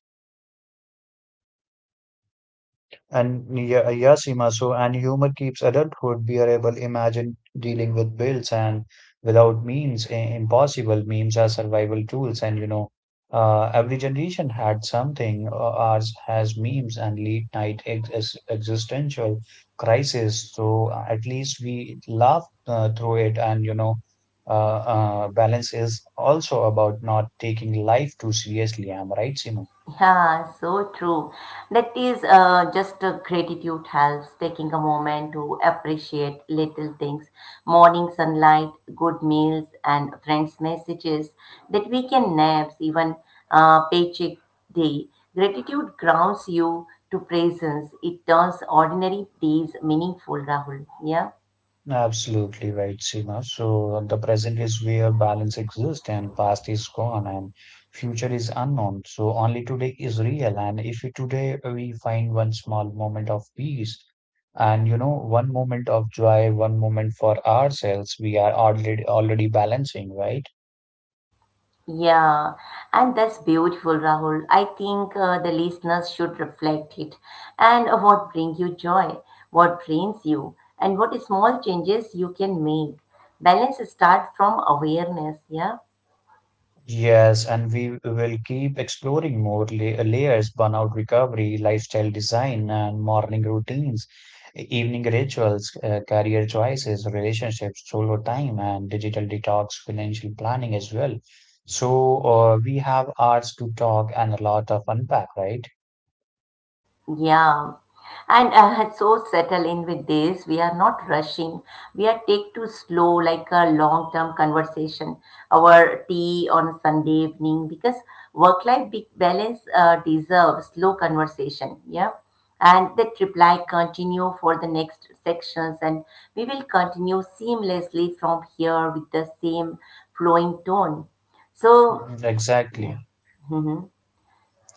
[SPEAKER 2] And yeah, yeah, Seema, so and humor keeps adulthood bearable. Imagine dealing with bills and without means, i- impossible. Memes are survival tools, and you know, uh, every generation had something. Uh, ours has memes and late night ex ex- existential crisis. So uh, at least we laugh uh, through it, and you know, uh, uh, balance is also about not taking life too seriously. Am I right, Seema?
[SPEAKER 1] Yeah, so true. That is uh, just uh, Gratitude helps, taking a moment to appreciate little things, morning sunlight, good meals, and friends' messages, that weekend naps, even uh, paycheck day. Gratitude grounds you to presence. It turns ordinary days meaningful, Rahul. Yeah.
[SPEAKER 2] Absolutely right, Seema. So the present is where balance exists, and past is gone, and future is unknown. So only today is real. And if you today we find one small moment of peace, and you know one moment of joy, one moment for ourselves, we are already already balancing, right?
[SPEAKER 1] Yeah, and that's beautiful, Rahul. I think uh, the listeners should reflect it. And what brings you joy? What drains you? And what small changes you can make? Balance start from awareness, yeah?
[SPEAKER 2] Yes, and we will keep exploring more la- layers, burnout recovery, lifestyle design, and morning routines, e-, evening rituals, uh, career choices, relationships, solo time, and digital detox, financial planning as well. So, uh, we have hours to talk, and a lot of unpack, right?
[SPEAKER 1] Yeah, and uh, so settle in with this. We are not rushing. We are take too slow, like a long term conversation. Our tea on a Sunday evening because work life balance uh, deserves slow conversation. Yeah, and that reply continue for the next sections, and we will continue seamlessly from here with the same flowing tone. So
[SPEAKER 2] Mhm.
[SPEAKER 1] yeah.
[SPEAKER 2] Exactly.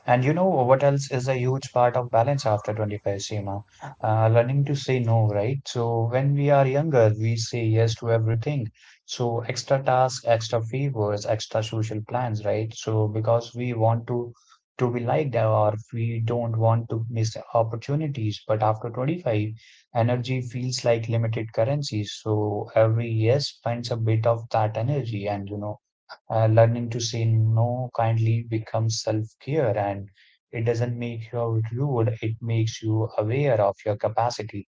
[SPEAKER 2] And you know what else is a huge part of balance after twenty-five, Seema? Uh, learning to say no, right? So when we are younger, we say yes to everything. So extra tasks, extra favors, extra social plans, right? So because we want to to be liked, or we don't want to miss opportunities. But after twenty-five, energy feels like limited currency. So every yes spends a bit of that energy and you know uh, learning to say no kindly becomes self care, and it doesn't make you rude, it makes you aware of your capacity.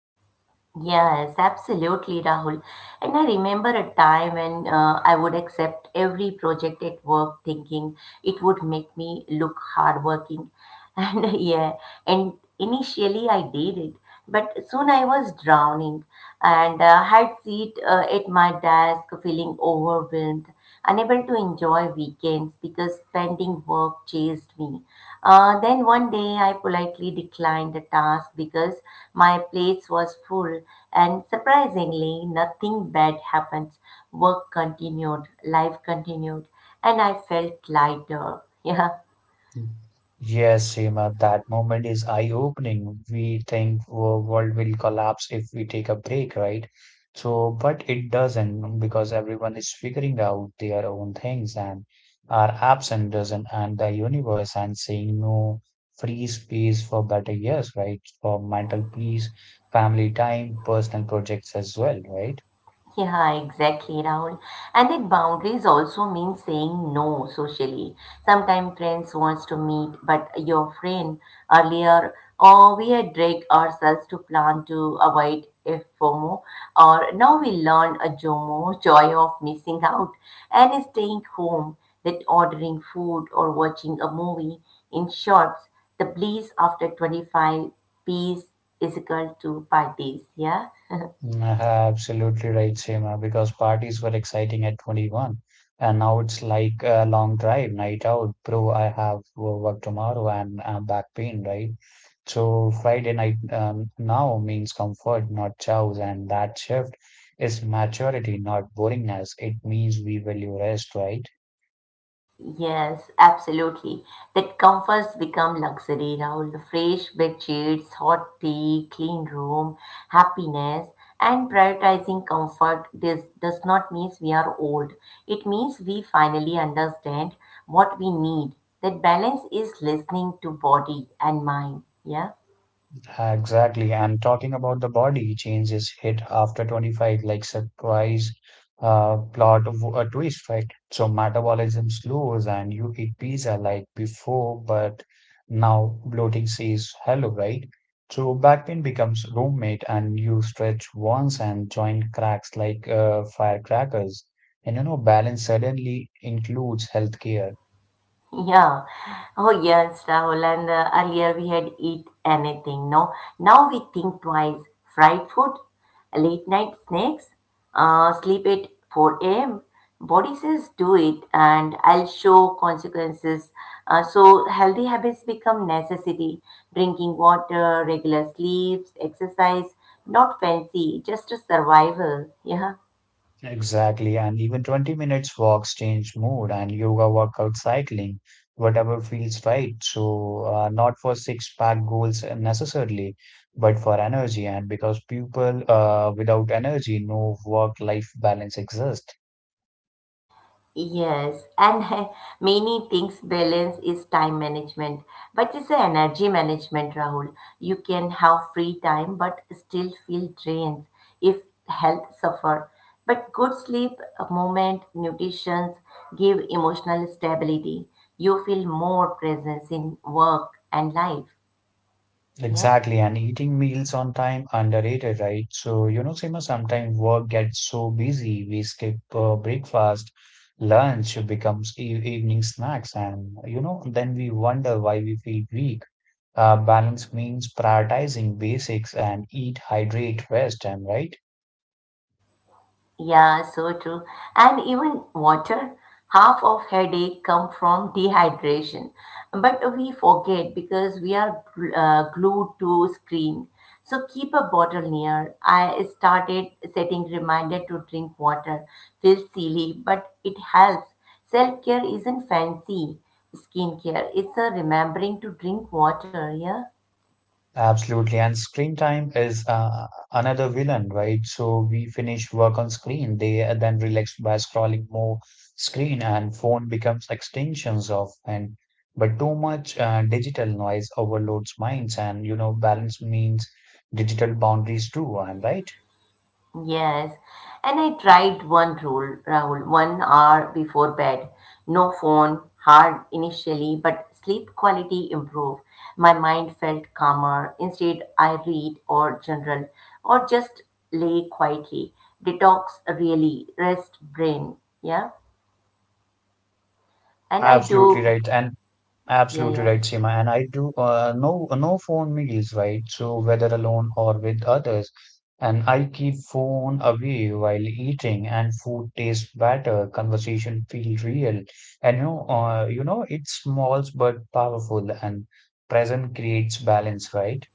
[SPEAKER 1] Yes, absolutely, Rahul. And I remember a time when uh, I would accept every project at work thinking it would make me look hardworking. And yeah, and initially I did it, but soon I was drowning and uh, had seat uh, at my desk feeling overwhelmed unable to enjoy weekends because pending work chased me. Uh, then one day I politely declined a task because my plates was full and surprisingly nothing bad happened. Work continued, life continued and I felt lighter. Yeah.
[SPEAKER 2] Yes, Seema, that moment is eye-opening. We think the world will collapse if we take a break, right? So, but it doesn't, because everyone is figuring out their own things and our apps and doesn't and the universe and saying no free space for better years, right? For mental peace, family time, personal projects as well, right?
[SPEAKER 1] Yeah, exactly, Rahul. And that boundaries also mean saying no socially. Sometimes friends wants to meet, but your friend earlier, or we had dragged ourselves to plan to avoid a FOMO, or now we learn a JOMO, joy of missing out, and staying home, that ordering food or watching a movie. In short, the bliss after twenty-five piece is equal to parties, yeah?
[SPEAKER 2] Mm, Absolutely right, Seema, because parties were exciting at twenty-one, and now it's like a long drive, night out. Bro, I have work tomorrow and I'm back pain, right? So Friday night um, now means comfort, not chows, and that shift is maturity, not boringness. It means we value rest, right?
[SPEAKER 1] Yes, absolutely. That comforts become luxury, Rahul. Fresh bed sheets, hot tea, clean room, happiness, and prioritizing comfort this does not mean we are old. It means we finally understand what we need. That balance is listening to body and mind. Yeah.
[SPEAKER 2] Exactly. And talking about the body changes hit after twenty-five, like surprise uh, plot of a twist, right? So metabolism slows and you eat pizza like before, but now bloating says hello, right? So back pain becomes roommate and you stretch once and joint cracks like uh, firecrackers. And you know, balance suddenly includes healthcare.
[SPEAKER 1] Yeah. Oh, yes, Rahul. And uh, earlier we had eat anything, no? Now we think twice. Fried food, late night snacks, uh, sleep at four a m. Body says do it and I'll show consequences. Uh, so healthy habits become necessity. Drinking water, regular sleeps, exercise, not fancy, just a survival. Yeah.
[SPEAKER 2] Exactly, and even twenty minutes walks change mood and yoga, workout, cycling, whatever feels right. So, uh, not for six pack goals necessarily, but for energy. And because people uh, without energy, no work life balance exists.
[SPEAKER 1] Yes, and many things balance is time management, but it's a energy management, Rahul. You can have free time but still feel drained if health suffer. But good sleep, a moment, nutrition give emotional stability. You feel more presence in work and life. Yeah.
[SPEAKER 2] Exactly, and eating meals on time underrated, right? So, you know, Seema, sometimes work gets so busy, we skip uh, breakfast, lunch becomes e evening snacks, and you know, then we wonder why we feel weak. Uh, balance means prioritizing basics and eat, hydrate, rest, and right?
[SPEAKER 1] Yeah, so true. And even water, half of headache come from dehydration. But we forget because we are gl- uh, glued to screen. So keep a bottle near. I started setting reminder to drink water. Feels silly, but it helps. Self-care isn't fancy skincare. It's a remembering to drink water, yeah?
[SPEAKER 2] Absolutely, and screen time is uh, another villain, right? So we finish work on screen, they are then relax by scrolling more screen, and phone becomes extensions of and but too much uh, digital noise overloads minds, and you know balance means digital boundaries too. I'm right?
[SPEAKER 1] Yes, and I tried one rule, Rahul, one hour before bed. No phone, hard initially, but sleep quality improved. My mind felt calmer. Instead, I read or journal or just lay quietly. Detox really, rest brain. Yeah, and I
[SPEAKER 2] Absolutely
[SPEAKER 1] do.
[SPEAKER 2] right, and
[SPEAKER 1] Yeah,
[SPEAKER 2] Absolutely
[SPEAKER 1] yeah.
[SPEAKER 2] right, Seema. And I do uh, no no phone meals, right? So whether alone or with others, and I keep phone away while eating, and food tastes better, conversation feel real, and you know, uh, you know, it's small but powerful, and present creates balance, right?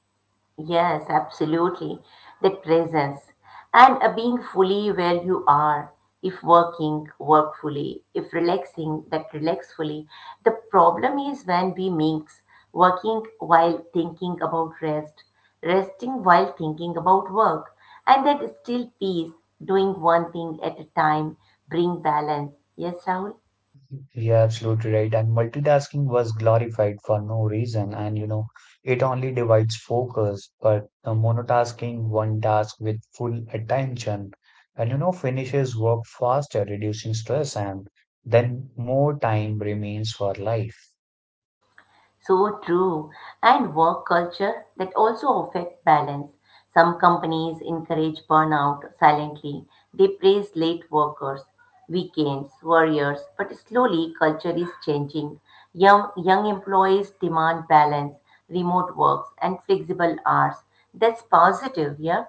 [SPEAKER 1] Yes, absolutely. That presence and a being fully where you are. If working, work fully. If relaxing, that relax fully. The problem is when we mix working while thinking about rest, resting while thinking about work, and that still peace, doing one thing at a time, bring balance. Yes, Rahul?
[SPEAKER 2] You're absolutely right. And multitasking was glorified for no reason. And you know, it only divides focus, but the monotasking one task with full attention, and you know, finishes work faster, reducing stress, and then more time remains for life.
[SPEAKER 1] So true. And work culture that also affect balance. Some companies encourage burnout silently. They praise late workers, weekends, warriors, but slowly culture is changing. Young young employees demand balance, remote works and flexible hours. That's positive, yeah?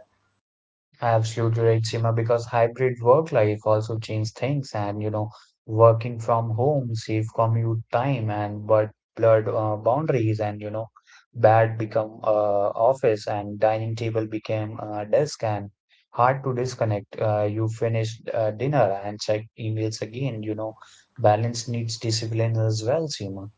[SPEAKER 2] Absolutely right, Seema, because hybrid work life also changed things. And you know, working from home, save commute time and but blurred uh, boundaries. And you know, bad become uh, office and dining table became uh, desk and hard to disconnect. Uh, you finish uh, dinner and check emails again, you know, balance needs discipline as well, Seema.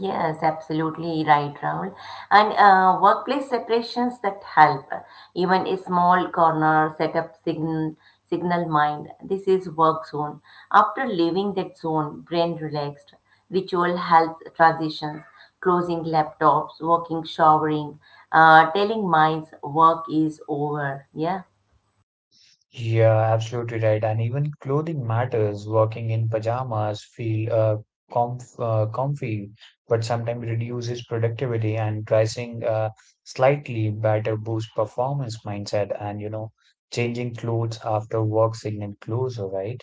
[SPEAKER 1] Yes, absolutely right, Rahul. And uh, workplace separations that help, even a small corner, set up signal, signal mind. This is work zone. After leaving that zone, brain relaxed. Ritual helps transitions, closing laptops, walking, showering, uh, telling minds work is over. Yeah.
[SPEAKER 2] Yeah, absolutely right. And even clothing matters. Working in pajamas feel uh, comf uh, comfy, but sometimes reduces productivity and dressing uh, slightly better boosts performance mindset, and you know changing clothes after work signal closer, right?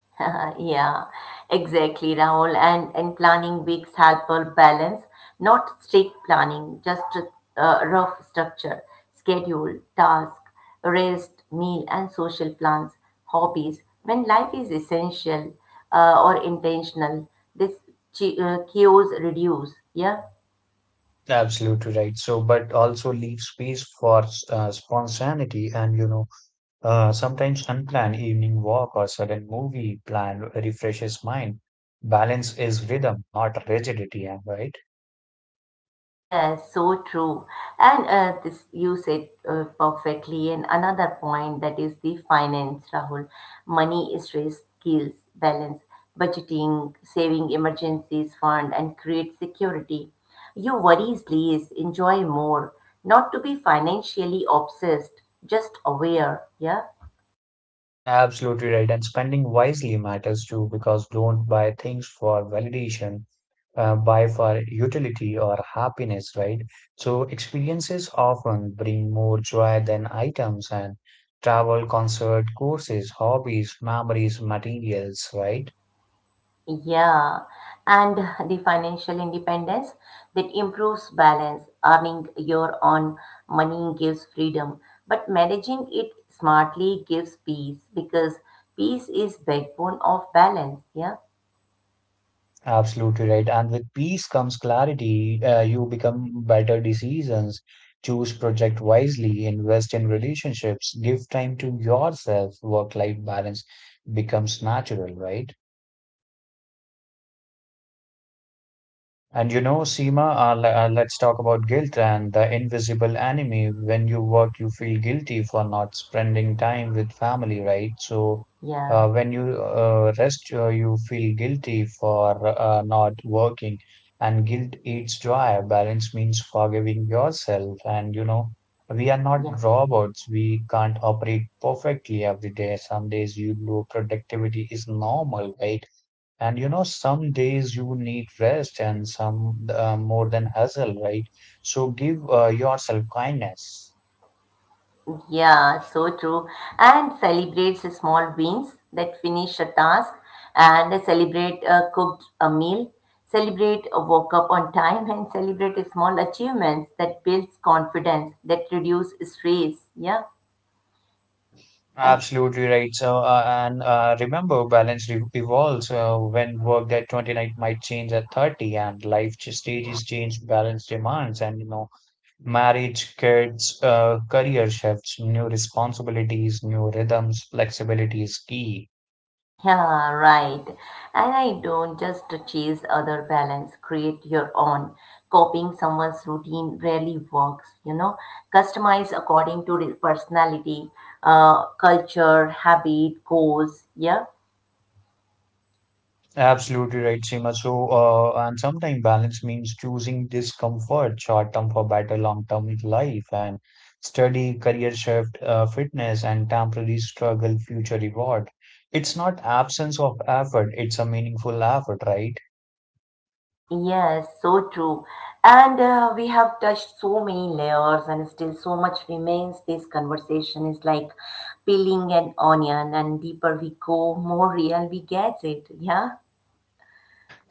[SPEAKER 1] Yeah, exactly, Rahul. And and planning weeks help a balance, not strict planning, just a uh, rough structure, schedule, task, rest, meal, and social plans, hobbies. When life is essential uh, or intentional, this chi- uh, chaos reduce. Yeah.
[SPEAKER 2] Absolutely right. So, but also leave space for uh, spontaneity. And you know, Uh, sometimes unplanned evening walk or sudden movie plan refreshes mind. Balance is rhythm, not rigidity, am I right?
[SPEAKER 1] Yes, so true. And uh, this you said uh, perfectly. And another point that is the finance, Rahul. Money is risk, skills, balance, budgeting, saving emergencies fund, and create security. You worries less, enjoy more. Not to be financially obsessed, just aware. Yeah.
[SPEAKER 2] Absolutely right. And spending wisely matters too, because don't buy things for validation, uh, buy for utility or happiness, right? So experiences often bring more joy than items and travel, concert, courses, hobbies, memories, materials, right?
[SPEAKER 1] Yeah, and the financial independence that improves balance. Earning your own money gives freedom, but managing it smartly gives peace because peace is backbone of balance. Yeah,
[SPEAKER 2] Absolutely right. And with peace comes clarity. Uh, you become better decisions, choose project wisely, invest in relationships, give time to yourself. Work-life balance becomes natural, right? And you know, Seema, uh,
[SPEAKER 1] yeah,
[SPEAKER 2] le- uh, let's talk about guilt and the invisible enemy. When you work, you feel guilty for not spending time with family, right? So,
[SPEAKER 1] yeah,
[SPEAKER 2] uh, when you uh, rest, uh, you feel guilty for uh, not working. And guilt eats joy. Balance means forgiving yourself. And you know, we are
[SPEAKER 1] yeah.
[SPEAKER 2] not robots. We can't operate perfectly every day. Some days you low productivity is normal, right? And you know, some days you need rest and some uh, more than hustle, right? So give uh, yourself kindness.
[SPEAKER 1] Yeah, so true. And celebrates the small wins that finish a task and celebrate a cooked a meal, celebrate a woke up on time and celebrate small achievements that builds confidence, that reduce stress. Yeah. And
[SPEAKER 2] Absolutely right. So, uh, and uh, remember, balance re evolves uh, when work at twenty-nine might change at thirty, and life ch- stages change, balance demands, and you know, marriage, kids, uh, career shifts, new responsibilities, new rhythms, flexibility is key.
[SPEAKER 1] yeah, right. And I don't just chase other balance, create your own. Copying someone's routine rarely works, you know. Customize according to the personality, uh, culture, habit, goals. Yeah.
[SPEAKER 2] Absolutely right, Seema. So, uh, and sometimes balance means choosing discomfort short term for better long term life and study, career shift, uh, fitness, and temporary struggle, future reward. It's not absence of effort, it's a meaningful effort, right?
[SPEAKER 1] Yes, so true. And uh, we have touched so many layers, and still so much remains. This conversation is like peeling an onion, and deeper we go, more real we get it. Yeah.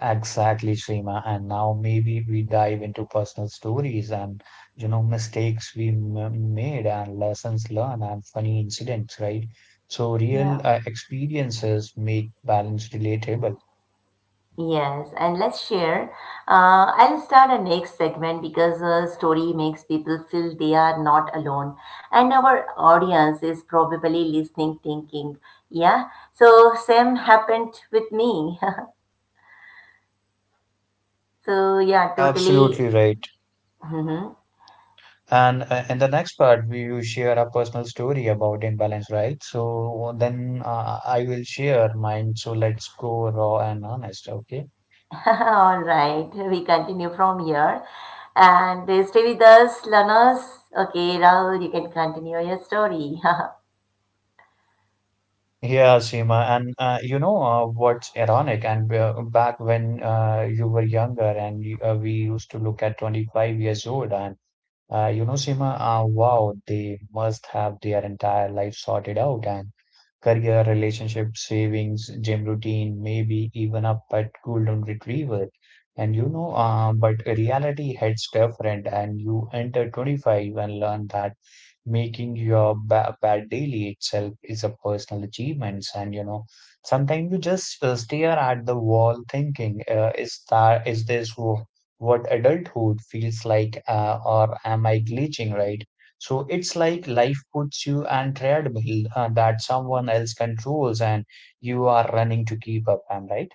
[SPEAKER 2] Exactly, Seema. And now maybe we dive into personal stories and, you know, mistakes we m made and lessons learned and funny incidents, right? So,
[SPEAKER 1] Yeah.
[SPEAKER 2] real uh, experiences make balance relatable.
[SPEAKER 1] Yes, and let's share. Uh, I'll start our next segment because a story makes people feel they are not alone, and our audience is probably listening, thinking, "Yeah, so same happened with me." So yeah, totally.
[SPEAKER 2] Absolutely right.
[SPEAKER 1] Mhm.
[SPEAKER 2] And uh, in the next part, we will share a personal story about imbalance, right? So then uh, I will share mine. So let's go raw and honest, okay?
[SPEAKER 1] All right, we continue from here, and stay with us, learners. Okay, Rahul, you can continue your story.
[SPEAKER 2] Yeah, Seema. And uh, you know uh, what's ironic? And uh, back when uh, you were younger and you- uh, we used to look at twenty-five years old, and uh, you know, Seema, uh, wow, they must have their entire life sorted out. And career, relationship, savings, gym routine, maybe even a pet golden retriever. And you know, uh, but reality hits different, and you enter twenty-five and learn that making your ba- bad daily itself is a personal achievements. And you know, sometimes you just uh, stare at the wall thinking, uh, is that is this wh- what adulthood feels like, uh, or am I glitching, right? So it's like life puts you on treadmill uh, that someone else controls, and you are running to keep up, am I right?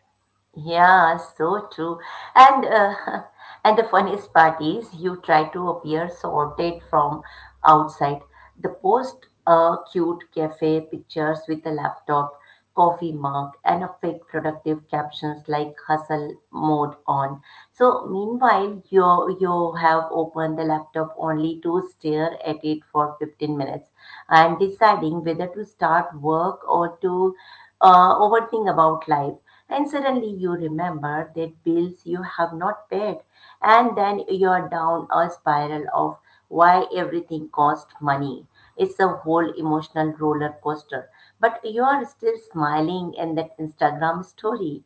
[SPEAKER 1] Yeah, so true. And uh, and the funniest part is you try to appear sorted from outside. The post uh, cute cafe pictures with a laptop, coffee mug, and a fake productive captions like hustle mode on. So meanwhile, you you have opened the laptop only to stare at it for fifteen minutes and deciding whether to start work or to uh, overthink about life and suddenly you remember that bills you have not paid, and then you're down a spiral of why everything costs money. It's a whole emotional roller coaster, but you are still smiling in that Instagram story.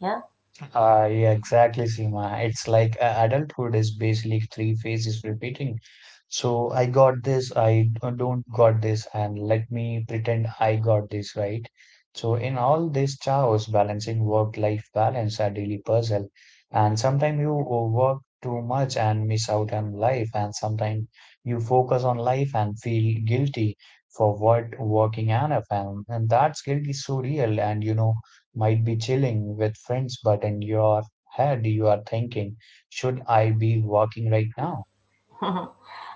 [SPEAKER 1] Yeah.
[SPEAKER 2] Uh, yeah, exactly, Seema. It's like uh, adulthood is basically three phases repeating. So I got this, I d- don't got this, and let me pretend I got this, right? So in all this chaos, balancing work-life balance, a daily puzzle, and sometimes you work too much and miss out on life, and sometimes you focus on life and feel guilty for what working enough, and, and that's guilt is so real, and you know might be chilling with friends, but in your head you are thinking, should I be working right now?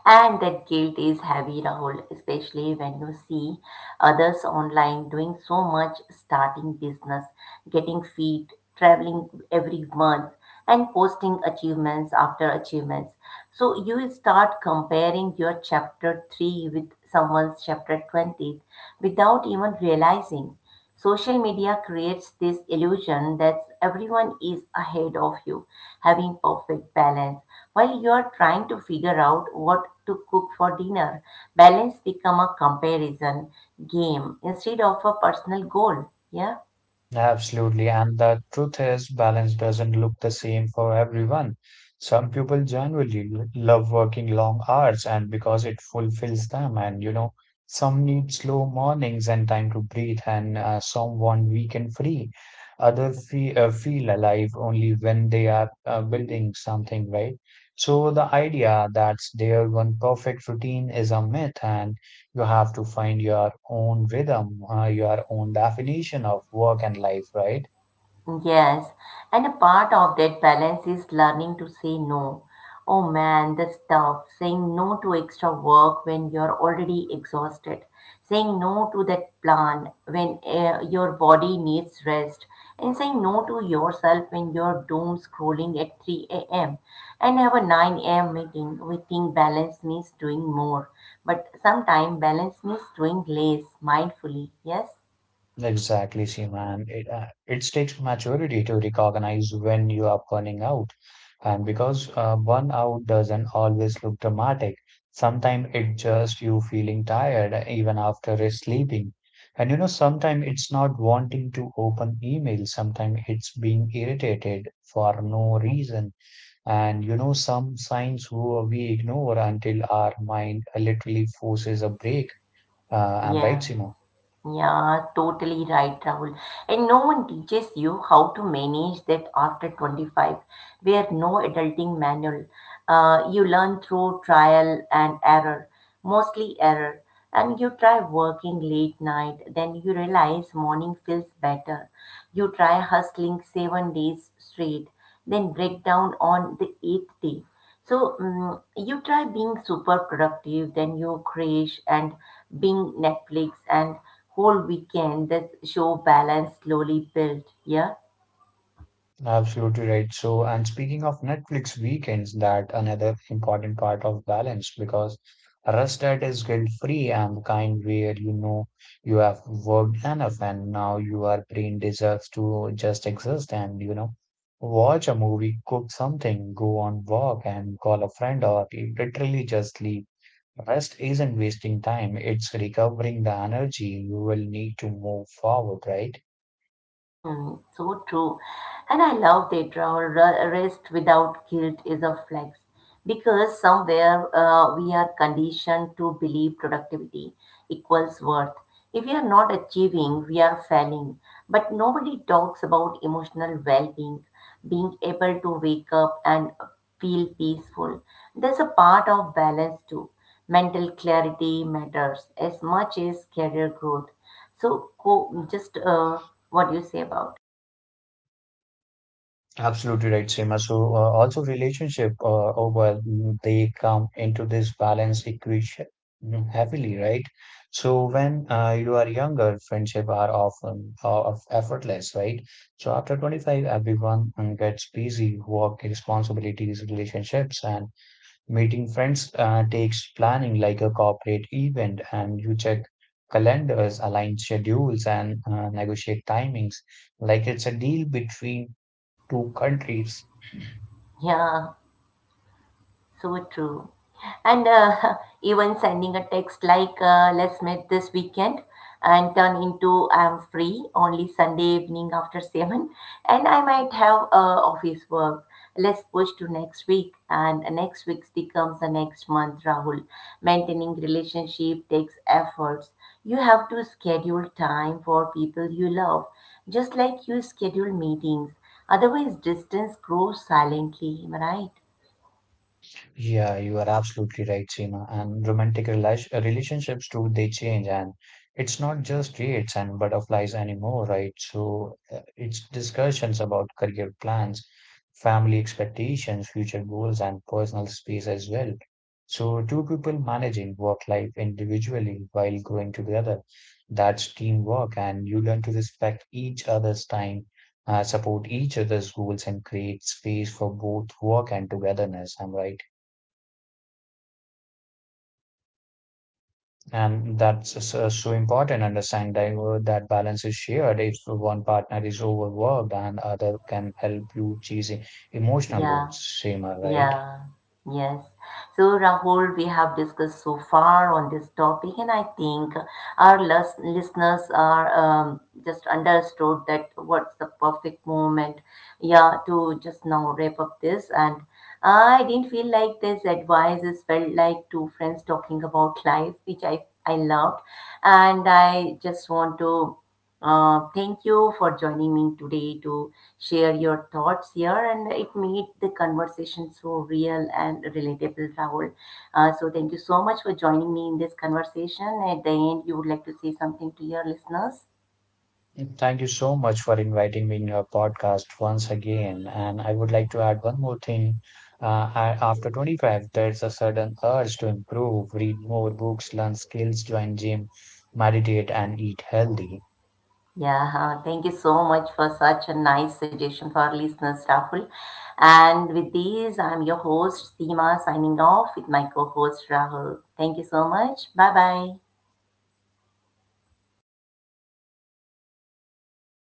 [SPEAKER 1] And that guilt is heavy, Rahul, especially when you see others online doing so much, starting business, getting fit, traveling every month, and posting achievements after achievements. So you start comparing your chapter three with someone's chapter twenty without even realizing. Social media creates this illusion that everyone is ahead of you, having perfect balance. While you are trying to figure out what to cook for dinner, balance become a comparison game instead of a personal goal. Yeah.
[SPEAKER 2] Absolutely. And the truth is, balance doesn't look the same for everyone. Some people genuinely l- love working long hours and because it fulfills them. And, you know, some need slow mornings and time to breathe, and uh, some want weekend free. Others feel, uh, feel alive only when they are uh, building something, right? So the idea that there's one perfect routine is a myth. And you have to find your own rhythm, uh, your own definition of work and life, right?
[SPEAKER 1] Yes, and a part of that balance is learning to say no. Oh man, the stuff. Saying no to extra work when you're already exhausted. Saying no to that plan when uh, your body needs rest. And saying no to yourself when you're doom scrolling at three a m and have a nine a m meeting. We think balance means doing more. But sometimes balance means doing less mindfully. Yes?
[SPEAKER 2] Exactly, Seaman. It, uh, it takes maturity to recognize when you are burning out. And because uh, burnout doesn't always look dramatic, sometimes it's just you feeling tired even after sleeping. And you know, sometimes it's not wanting to open email, sometimes it's being irritated for no reason. And you know, some signs who we ignore until our mind literally forces a break. Uh, I'm right,
[SPEAKER 1] Yeah.
[SPEAKER 2] Seema.
[SPEAKER 1] Yeah, totally right, Rahul. And no one teaches you how to manage that after twenty-five. Where no adulting manual. Uh, you learn through trial and error, mostly error. And you try working late night, then you realize morning feels better. You try hustling seven days straight, then break down on the eighth day. So mm you try being super productive, then you crash and being Netflix and whole weekend. That show balance slowly built. Yeah.
[SPEAKER 2] Absolutely right. So, and speaking of Netflix weekends, that another important part of balance because Rustad is guilt-free and the kind where you know you have worked enough and now your brain deserves to just exist, and you know watch a movie, cook something, go on walk and call a friend or literally just leave. Rest isn't wasting time, it's recovering the energy you will need to move forward, right?
[SPEAKER 1] Mm, so true. And I love that uh, r- rest without guilt is a flex because somewhere uh, we are conditioned to believe productivity equals worth. If we are not achieving, we are failing. But nobody talks about emotional well being, being able to wake up and feel peaceful. There's a part of balance too. Mental clarity matters as much as career growth so, co- just uh, what do you say about?
[SPEAKER 2] Absolutely right, Seema. So, uh, also relationship, uh, oh, well, mm, they come into this balance equation, mm, heavily, right? So, when uh, you are younger, friendship are often uh, of effortless, right? So, after twenty-five, everyone mm, gets busy, work, responsibilities, relationships, and meeting friends uh, takes planning like a corporate event, and you check calendars, align schedules, and uh, negotiate timings like it's a deal between two countries.
[SPEAKER 1] Yeah, so true. And uh, even sending a text like, uh, let's meet this weekend and turn into I'm free only Sunday evening after seven and I might have uh, office work. Let's push to next week and next week becomes the next month, Rahul. Maintaining relationship takes efforts. You have to schedule time for people you love, just like you schedule meetings. Otherwise, distance grows silently, am I right?
[SPEAKER 2] Yeah, you are absolutely right, Seema. And romantic rela- relationships too, they change, and it's not just dates and butterflies anymore, right? So uh, it's discussions about career plans, family expectations, future goals, and personal space as well. So two people managing work life individually while growing together, that's teamwork, and you learn to respect each other's time. Uh, support each other's goals and create space for both work and togetherness. I'm right. And that's uh, so important. Understand that, uh, that balance is shared. If one partner is overworked and other can help you chasing emotional
[SPEAKER 1] Yeah.
[SPEAKER 2] loads, Seema, right?
[SPEAKER 1] Yeah, yes. So, Rahul, we have discussed so far on this topic, and I think our lis- listeners are um, just understood that what's the perfect moment, yeah, to just now wrap up this. And I didn't feel like this advice is felt like two friends talking about life, which I I loved, and I just want to uh, thank you for joining me today to share your thoughts here, and it made the conversation so real and relatable, Rahul. Uh, so, thank you so much for joining me in this conversation. At the end, you would like to say something to your listeners?
[SPEAKER 2] Thank you so much for inviting me in your podcast once again. And I would like to add one more thing. Uh, I, after twenty-five, there's a sudden urge to improve, read more books, learn skills, join gym, meditate, and eat healthy.
[SPEAKER 1] Yeah, uh, thank you so much for such a nice suggestion for our listeners, Rahul. And with these, I'm your host, Seema, signing off with my co host, Rahul. Thank you so much. Bye bye.